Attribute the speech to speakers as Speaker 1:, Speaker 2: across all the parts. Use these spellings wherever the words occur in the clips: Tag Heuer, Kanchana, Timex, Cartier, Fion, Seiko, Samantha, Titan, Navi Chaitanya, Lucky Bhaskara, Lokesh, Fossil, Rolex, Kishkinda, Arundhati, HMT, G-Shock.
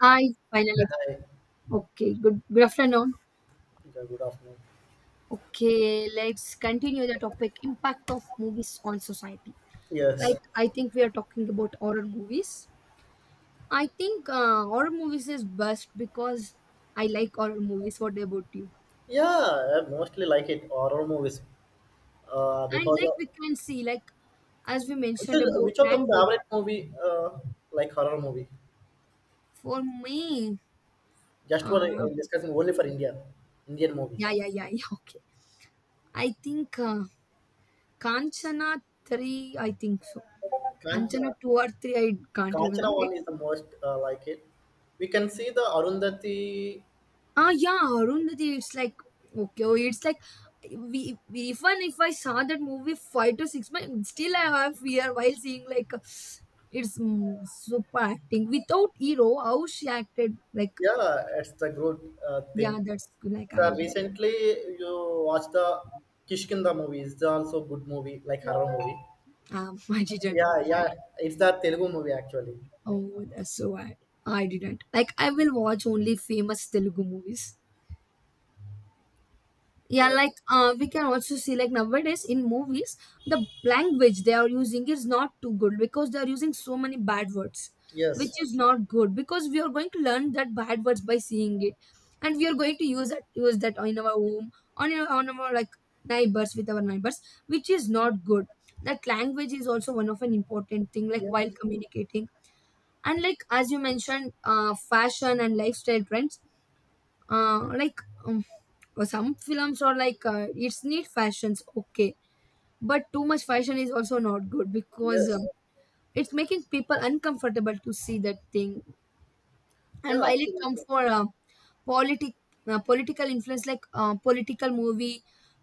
Speaker 1: I finally
Speaker 2: Hi.
Speaker 1: okay. Good afternoon.
Speaker 2: Good afternoon.
Speaker 1: Okay, let's continue the topic impact of movies on society. Like
Speaker 2: Yes.
Speaker 1: I think we are talking about horror movies. I think horror movies is best because I like horror movies. What about you?
Speaker 2: Yeah, I mostly like it horror movies. Uh,
Speaker 1: And
Speaker 2: because
Speaker 1: like
Speaker 2: of,
Speaker 1: we can see, like as we
Speaker 2: which
Speaker 1: mentioned
Speaker 2: is
Speaker 1: about
Speaker 2: which of the
Speaker 1: language,
Speaker 2: favorite movie like horror movie?
Speaker 1: for me,
Speaker 2: Just one
Speaker 1: uh,
Speaker 2: I'm discussing only for India, Indian
Speaker 1: yeah,
Speaker 2: movies.
Speaker 1: yeah, yeah, yeah. Okay, I think Kanchana three. I think so. Kanchana
Speaker 2: Kanchana,
Speaker 1: two or three. I can't remember
Speaker 2: Kanchana one
Speaker 1: it.
Speaker 2: is the most like it. We can see the Arundhati.
Speaker 1: Ah, yeah, Arundhati. It's like okay, oh, it's like we, even if I saw that movie 5 to 6 months, still I have fear while seeing like it's super acting without hero. How she acted, like
Speaker 2: Yeah, it's the good
Speaker 1: yeah,
Speaker 2: thing.
Speaker 1: that's like
Speaker 2: So
Speaker 1: I did.
Speaker 2: recently you watched the Kishkinda movie. It's also good movie like horror movie.
Speaker 1: I didn't
Speaker 2: Yeah,
Speaker 1: watch
Speaker 2: yeah,
Speaker 1: it.
Speaker 2: it's the Telugu movie actually.
Speaker 1: Oh, that's so bad, I didn't like. I will watch only famous Telugu movies. Yeah,
Speaker 2: Yeah.
Speaker 1: like we can also see like nowadays in movies the language they are using is not too good because they are using so many bad words, which
Speaker 2: Yes.
Speaker 1: is not good because we are going to learn that bad words by seeing it, and we are going to use that in our home on our like neighbors, with our neighbors, which is not good. That language is also one of an important thing like
Speaker 2: Yeah.
Speaker 1: while communicating. And like as you mentioned fashion and lifestyle trends, like um, some films are like it's need fashions, okay, but too much fashion is also not good because
Speaker 2: Yes.
Speaker 1: it's making people uncomfortable to see that thing. And
Speaker 2: Yeah.
Speaker 1: while it comes
Speaker 2: Absolutely.
Speaker 1: for politic political influence, like political movie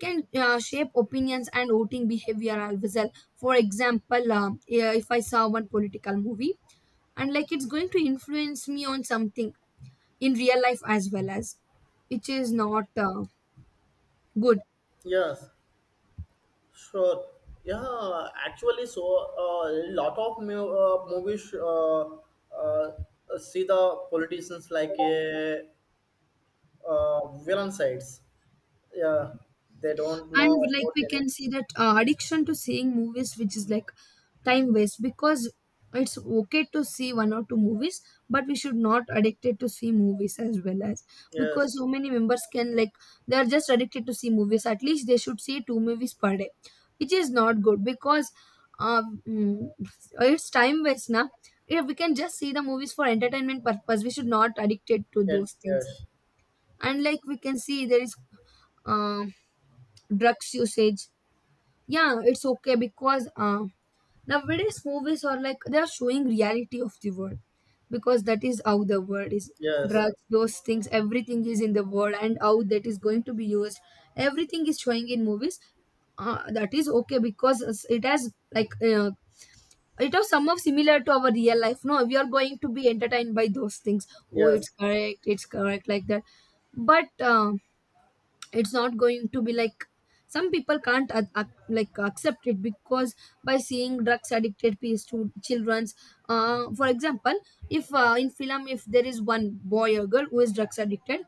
Speaker 1: can shape opinions and voting behavior as well. For example yeah, if I saw one political movie and like it's going to influence me on something in real life as well, as which is not good.
Speaker 2: Yes. Sure. Yeah. Actually, so a lot of movies uh, see the politicians like a villain sides. Yeah. They don't know
Speaker 1: And like
Speaker 2: about
Speaker 1: we
Speaker 2: any.
Speaker 1: can see that addiction to seeing movies, which is like time waste, because it's okay to see one or two movies, but we should not addicted to see movies as well as
Speaker 2: Yes.
Speaker 1: because so many members can like they are just addicted to see movies, at least they should see two movies per day, which is not good because uh, mm, it's time waste now. Yeah, we can just see the movies for entertainment purpose, we should not addicted to
Speaker 2: Yes.
Speaker 1: those things.
Speaker 2: Yes.
Speaker 1: And like we can see there is uh, drugs usage. Yeah, it's okay because nowadays movies are like they are showing reality of the world, because that is how the world is.
Speaker 2: Yes.
Speaker 1: Drugs, those things, everything is in the world, and how that is going to be used, everything is showing in movies. That is okay because it has like it has some of similar to our real life, no, we are going to be entertained by those things. Oh, it's
Speaker 2: Yes.
Speaker 1: correct, it's correct like that. But it's not going to be like some people can't like accept it, because by seeing drugs addicted pe- stu children's, for example, if in film if there is one boy or girl who is drugs addicted,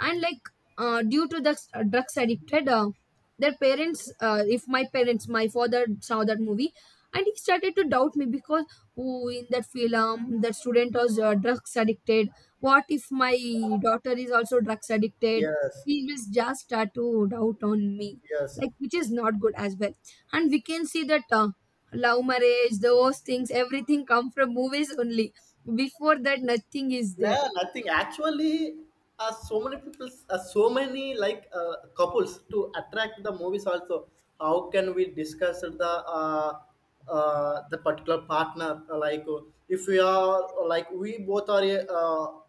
Speaker 1: and like due to the drugs addicted, their parents, if my parents, my father saw that movie and he started to doubt me because, oh, in that film that student was drugs addicted, what if my daughter is also drugs addicted,
Speaker 2: Yes.
Speaker 1: he will just start to doubt on me,
Speaker 2: Yes.
Speaker 1: like which is not good as well. And we can see that love marriage, those things, everything come from movies only, before that nothing is
Speaker 2: No,
Speaker 1: there.
Speaker 2: nothing. Actually, so many people, so many like couples to attract the movies. Also, how can we discuss uh, the particular partner? If we are like we both are uh,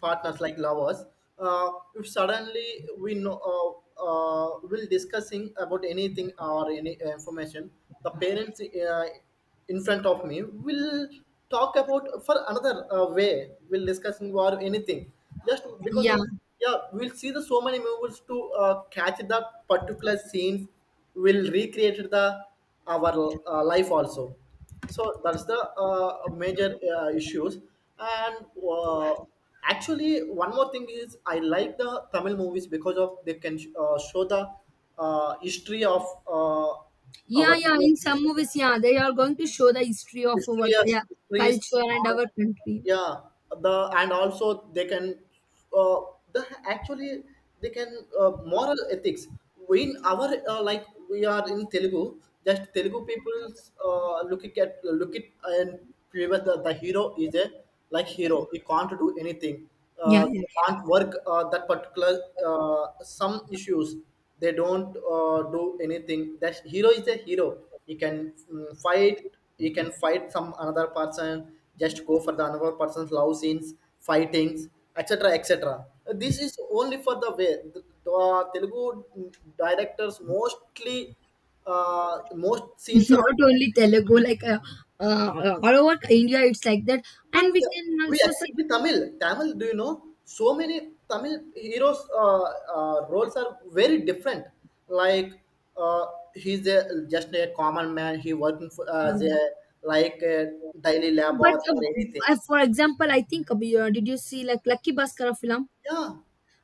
Speaker 2: partners like lovers, if suddenly we know will discussing about anything or any information, the parents in front of me will talk about for another way will discussing or anything just because
Speaker 1: Yeah.
Speaker 2: of yeah, we'll see the so many movies to catch that particular scenes, will recreate the our life also. So that's the major issues. And actually, one more thing is I like the Tamil movies because of they can show the history of
Speaker 1: Yeah,
Speaker 2: our
Speaker 1: yeah. In some movies, yeah, they are going to show the history of our,
Speaker 2: history as
Speaker 1: yeah,
Speaker 2: histories.
Speaker 1: culture and
Speaker 2: uh,
Speaker 1: our country.
Speaker 2: Yeah, the and also they can uh, the actually they can moral ethics. We in our like we are in Telugu, just Telugu people look at look it and fever the hero is a like hero, he can't do anything.
Speaker 1: Yeah,
Speaker 2: uh,
Speaker 1: yeah.
Speaker 2: can't work that particular some issues they don't do anything. That hero is a hero. He can fight. He can fight some another person, just go for the another person's love scenes fightings, etc etc. This is only for the way the, telugu directors mostly uh, most scenes are.
Speaker 1: Not only Telugu, like all over India, it's like that,
Speaker 2: But
Speaker 1: and we can
Speaker 2: we
Speaker 1: also see.
Speaker 2: expect the Tamil, Tamil. Do you know so many Tamil heroes? Roles are very different. Like uh, he's a, just a common man. He working for, as
Speaker 1: Um,
Speaker 2: a like a daily labor
Speaker 1: but
Speaker 2: or anything.
Speaker 1: for example, I think we, did you see like Lucky Bhaskara film?
Speaker 2: Yeah,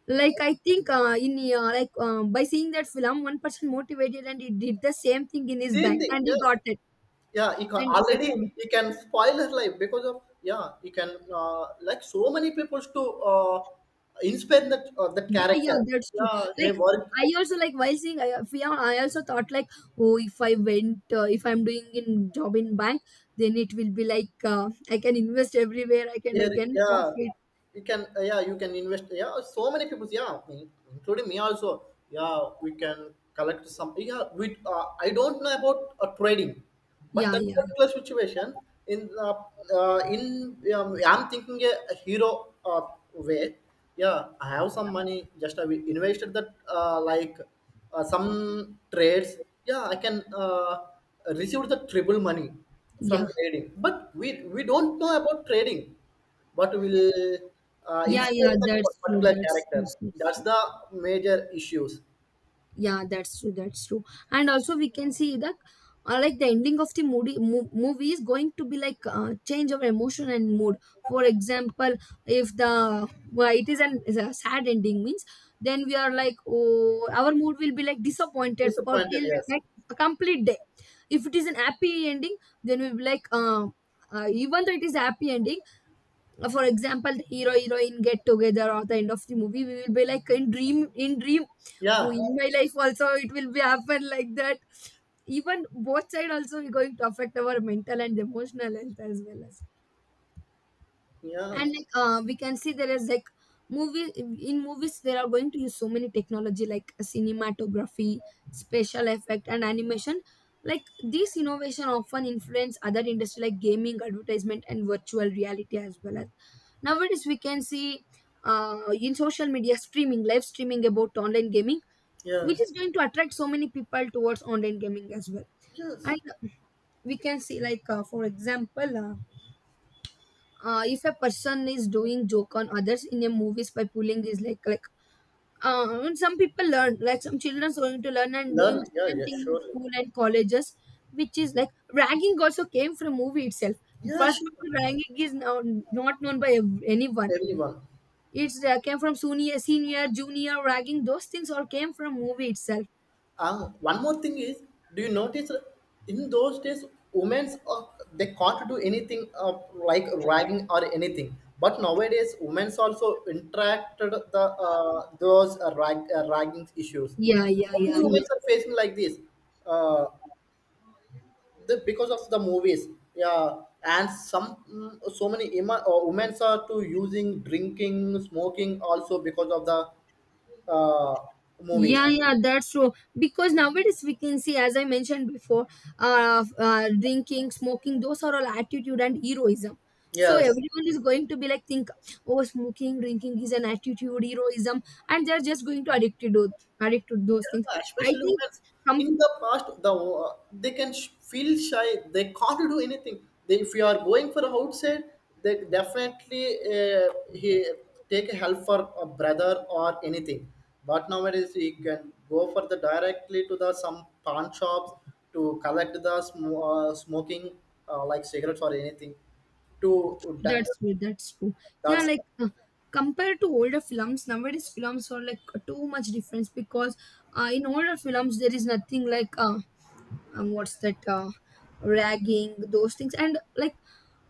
Speaker 1: Like I think in like by seeing that film, one person motivated and he did the same thing in his
Speaker 2: same
Speaker 1: bank
Speaker 2: thing.
Speaker 1: and he
Speaker 2: Yes.
Speaker 1: got it,
Speaker 2: Yeah, he can,
Speaker 1: and he
Speaker 2: already
Speaker 1: did.
Speaker 2: he can spoil her life because of yeah he can like so many people to uh, inspire that that
Speaker 1: Yeah, yeah,
Speaker 2: character.
Speaker 1: that's true.
Speaker 2: Yeah, he
Speaker 1: Like,
Speaker 2: worked.
Speaker 1: I also like while seeing I- Fion, I also thought like, oh, if I went, if I'm doing in job in bank, then it will be like I can invest everywhere.
Speaker 2: Yeah,
Speaker 1: I can
Speaker 2: yeah,
Speaker 1: profit.
Speaker 2: you can. Yeah, you can invest. Yeah, so many people. Yeah, in- including me also. Yeah, we can collect some. Yeah, we. I don't know about trading, but
Speaker 1: Yeah,
Speaker 2: that
Speaker 1: yeah,
Speaker 2: particular situation in uh, in I'm thinking a hero way. Yeah, I have some money, just I will invested that uh, like some trades. Yeah, I can receive the triple money from
Speaker 1: yeah,
Speaker 2: trading, but we don't know about trading. What will
Speaker 1: yeah,
Speaker 2: inspire
Speaker 1: yeah.
Speaker 2: that
Speaker 1: That's true.
Speaker 2: particular
Speaker 1: That's true.
Speaker 2: character?
Speaker 1: That's
Speaker 2: That's
Speaker 1: true.
Speaker 2: the major issues.
Speaker 1: Yeah, that's true, that's true. And also we can see that like the ending of the movie is going to be like change of emotion and mood. For example, if the well, it is an is a sad ending means, then we are like, oh, our mood will be like disappointed for
Speaker 2: Disappointed,
Speaker 1: till
Speaker 2: yes.
Speaker 1: like a complete day. If it is an happy ending, then we'll be like even though it is a happy ending, for example the hero, heroine get together or the end of the movie, we will be like in dream. Who,
Speaker 2: Yeah,
Speaker 1: in my life also it will be happen like that. Even both side also we going to affect our mental and emotional health as well as.
Speaker 2: yeah.
Speaker 1: And like we can see there is like movie, in movies they are going to use so many technology like cinematography, special effect and animation, like this innovation often influence other industry like gaming, advertisement and virtual reality as well as. Nowadays we can see in social media streaming, live streaming about online gaming, which
Speaker 2: Yes,
Speaker 1: is going to attract so many people towards online gaming as well.
Speaker 2: yes.
Speaker 1: And we can see like for example if a person is doing joke on others in a movies by pulling his leg, like uh, some people learn, like some children are going to learn and
Speaker 2: Learn,
Speaker 1: doing
Speaker 2: yeah,
Speaker 1: same
Speaker 2: yeah,
Speaker 1: thing in
Speaker 2: surely.
Speaker 1: school and colleges, which is like ragging also came from movie itself.
Speaker 2: Yeah,
Speaker 1: First
Speaker 2: sure.
Speaker 1: of all, ragging is now not known by anyone.
Speaker 2: Everyone.
Speaker 1: It's came from senior, junior ragging, those things all came from movie itself.
Speaker 2: One more thing is, do you notice in those days, women's they can't do anything like ragging or anything. But nowadays, women's also interacted the ragging issues.
Speaker 1: Yeah, yeah,
Speaker 2: Only
Speaker 1: yeah,
Speaker 2: women
Speaker 1: yeah.
Speaker 2: are facing like this, uh, because of the movies. Yeah, and some so many women are too using drinking, smoking also because of the uh, movies.
Speaker 1: Yeah, yeah, that's true. Because nowadays we can see, as I mentioned before, drinking, smoking, those are all attitude and heroism. So
Speaker 2: Yes.
Speaker 1: everyone is going to be like think, oh, smoking, drinking is an attitude, heroism, and they're just going to addict to those things.
Speaker 2: Yeah,
Speaker 1: I
Speaker 2: especially
Speaker 1: think
Speaker 2: women. In the past, the they can feel shy. They can't do anything. They, if you are going for outside, they definitely uh, he take help for a brother or anything. But nowadays, he can go for the directly to the some pawn shops to collect the smoking like cigarettes or anything. To that,
Speaker 1: That's true. That's true. Yeah,
Speaker 2: that's
Speaker 1: like compared to older films, nowadays films are like too much difference because in older films there is nothing like what's that ragging those things. And like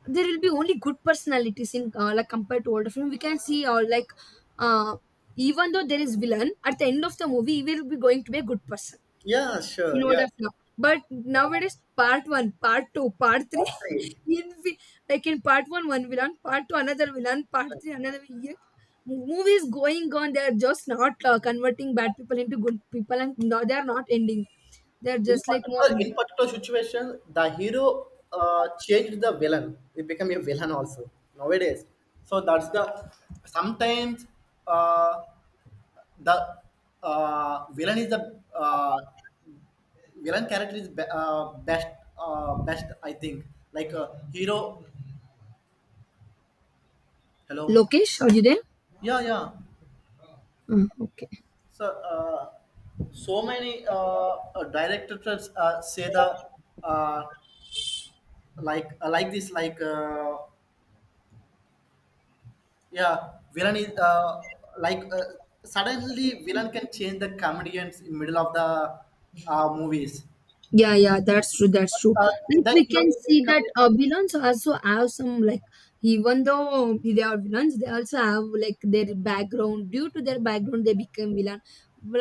Speaker 1: there will be only good personalities in like compared to older film we can see, or like uh, even though there is villain, at the end of the movie he will be going to be a good person,
Speaker 2: yeah,
Speaker 1: in
Speaker 2: sure, yes.
Speaker 1: order flow. But nowadays, part one, part two, part three,
Speaker 2: That's great.
Speaker 1: in vi- like in part one, one villain, part two, another villain, part three, another villain. Movies going on, they are just not converting bad people into good people, and no, they are not ending. They are just like more.
Speaker 2: In particular situation, the hero changed the villain. He became a villain also nowadays. So that's the sometimes uh, the villain is the villain character is best best I think. Like hero, hello,
Speaker 1: Lokesh, are you there?
Speaker 2: yeah, yeah.
Speaker 1: Mm, okay.
Speaker 2: So so many directors say the uh, like this like. Yeah, villain is like uh, suddenly villain can change the comedians in middle of the movies.
Speaker 1: Yeah, yeah, that's true. That's true.
Speaker 2: Uh,
Speaker 1: Like
Speaker 2: the
Speaker 1: we
Speaker 2: hero
Speaker 1: can
Speaker 2: will
Speaker 1: see
Speaker 2: become
Speaker 1: that villains also have some like, even though they are villains, they also have like their background. Due to their background, they become villain.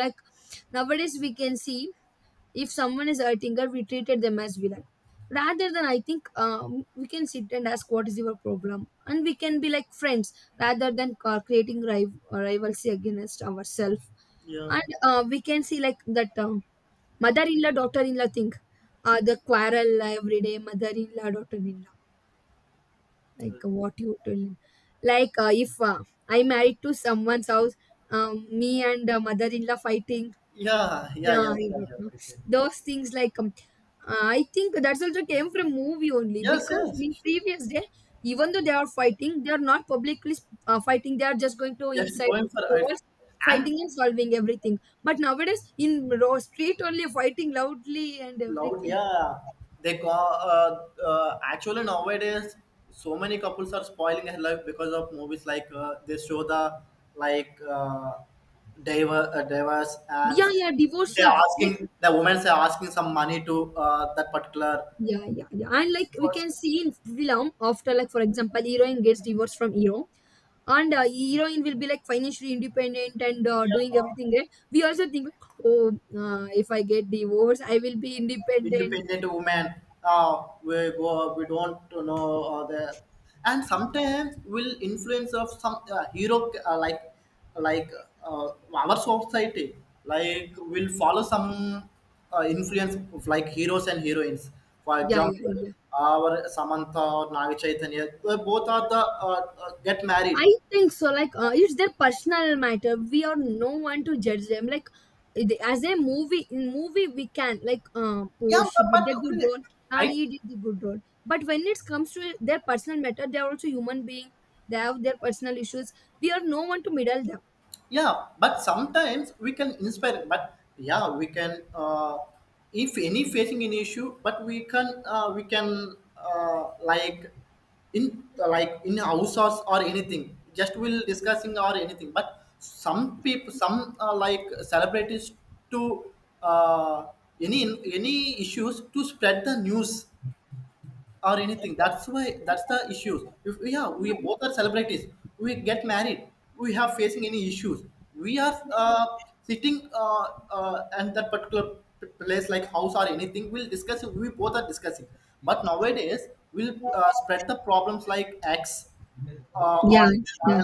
Speaker 1: Like nowadays, we can see if someone is hurting her, we treated them as villain. Rather than, I think we can sit and ask what is your problem, and we can be like friends, rather than creating rivalry against ourselves.
Speaker 2: yeah,
Speaker 1: And we can see like that. Mother-in-law, daughter-in-law thing. The quarrel every day, mother-in-law, daughter-in-law. Like what you tell. Like if I married to someone's house, me and mother-in-law fighting.
Speaker 2: yeah, yeah,
Speaker 1: Yeah,
Speaker 2: yeah,
Speaker 1: I
Speaker 2: sure,
Speaker 1: don't
Speaker 2: sure,
Speaker 1: know.
Speaker 2: okay, okay.
Speaker 1: Those things like I think that's also came from movie only,
Speaker 2: Yes,
Speaker 1: because
Speaker 2: yes,
Speaker 1: in previous day, even though they are fighting, they are not publicly fighting. They are just going to
Speaker 2: just
Speaker 1: inside
Speaker 2: going for it.
Speaker 1: walls,
Speaker 2: And
Speaker 1: fighting and solving everything. But nowadays, in raw street only, fighting loudly and
Speaker 2: loud,
Speaker 1: everything.
Speaker 2: yeah. They go. Actually nowadays so many couples are spoiling their life because of movies, like they show the like divers, and
Speaker 1: Yeah, yeah, divorce,
Speaker 2: they
Speaker 1: yeah,
Speaker 2: are
Speaker 1: like,
Speaker 2: asking, the women are asking some money to that particular
Speaker 1: yeah, yeah, yeah, and like we
Speaker 2: person.
Speaker 1: can see in film after, like for example heroine gets divorced from hero, and heroine will be like financially independent, and doing
Speaker 2: Yeah,
Speaker 1: everything right. We also think like, oh, if I get divorced I will be independent.
Speaker 2: independent woman. We go, we don't know the, and sometimes will influence of some hero like our society, like will follow some influence of like heroes and heroines. For
Speaker 1: Yeah,
Speaker 2: example,
Speaker 1: yeah, yeah.
Speaker 2: our samantha or navi chaitanya, they both are the get married.
Speaker 1: I think so. Like, it's their personal matter. We are no one to judge them. Like, it- as a movie, in movie we can like,
Speaker 2: Yeah,
Speaker 1: oh, she
Speaker 2: but
Speaker 1: did a good
Speaker 2: okay,
Speaker 1: role. Ah,
Speaker 2: I.
Speaker 1: he did the good role. But when it comes to their personal matter, they are also human being. They have their personal issues. We are no one to middle them.
Speaker 2: Yeah, but sometimes we can inspire, but yeah we can if any facing an issue, but we can like in house or anything, just we'll discussing or anything, but some people, some like celebrities to uh, any any issues to spread the news or anything. That's why that's the issues. If yeah, we both are celebrities. We get married. We have facing any issues. We are sitting and that particular place, like house or anything. We'll discuss. We both are discussing. But nowadays, we'll spread the problems like X
Speaker 1: Yeah,
Speaker 2: on
Speaker 1: yeah,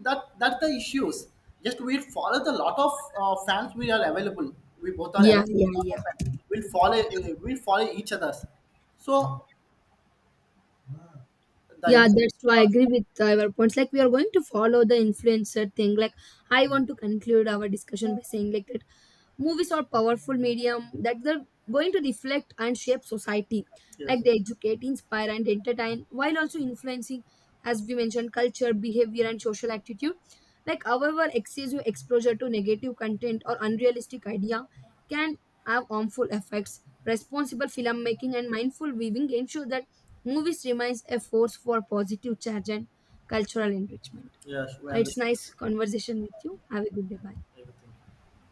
Speaker 2: that, that's the issues. Just we'll follow, the lot of fans we are available. We both are
Speaker 1: yeah,
Speaker 2: available.
Speaker 1: yeah,
Speaker 2: Lot of
Speaker 1: yeah.
Speaker 2: fans. We'll follow. We'll follow each other's. So the
Speaker 1: Yeah,
Speaker 2: impact,
Speaker 1: that's why I agree with your points. Like, we are going to follow the influencer thing. Like, I want to conclude our discussion by saying like that movies are powerful medium that they're going to reflect and shape society,
Speaker 2: yes,
Speaker 1: like they educate, inspire and entertain, while also influencing, as we mentioned, culture, behavior and social attitude. Like however excessive exposure to negative content or unrealistic idea can have harmful effects. Responsible filmmaking and mindful viewing ensure that movies remains a force for positive change and cultural enrichment.
Speaker 2: yes, we
Speaker 1: It's
Speaker 2: understand
Speaker 1: nice conversation with you, have a good day, bye.
Speaker 2: everything.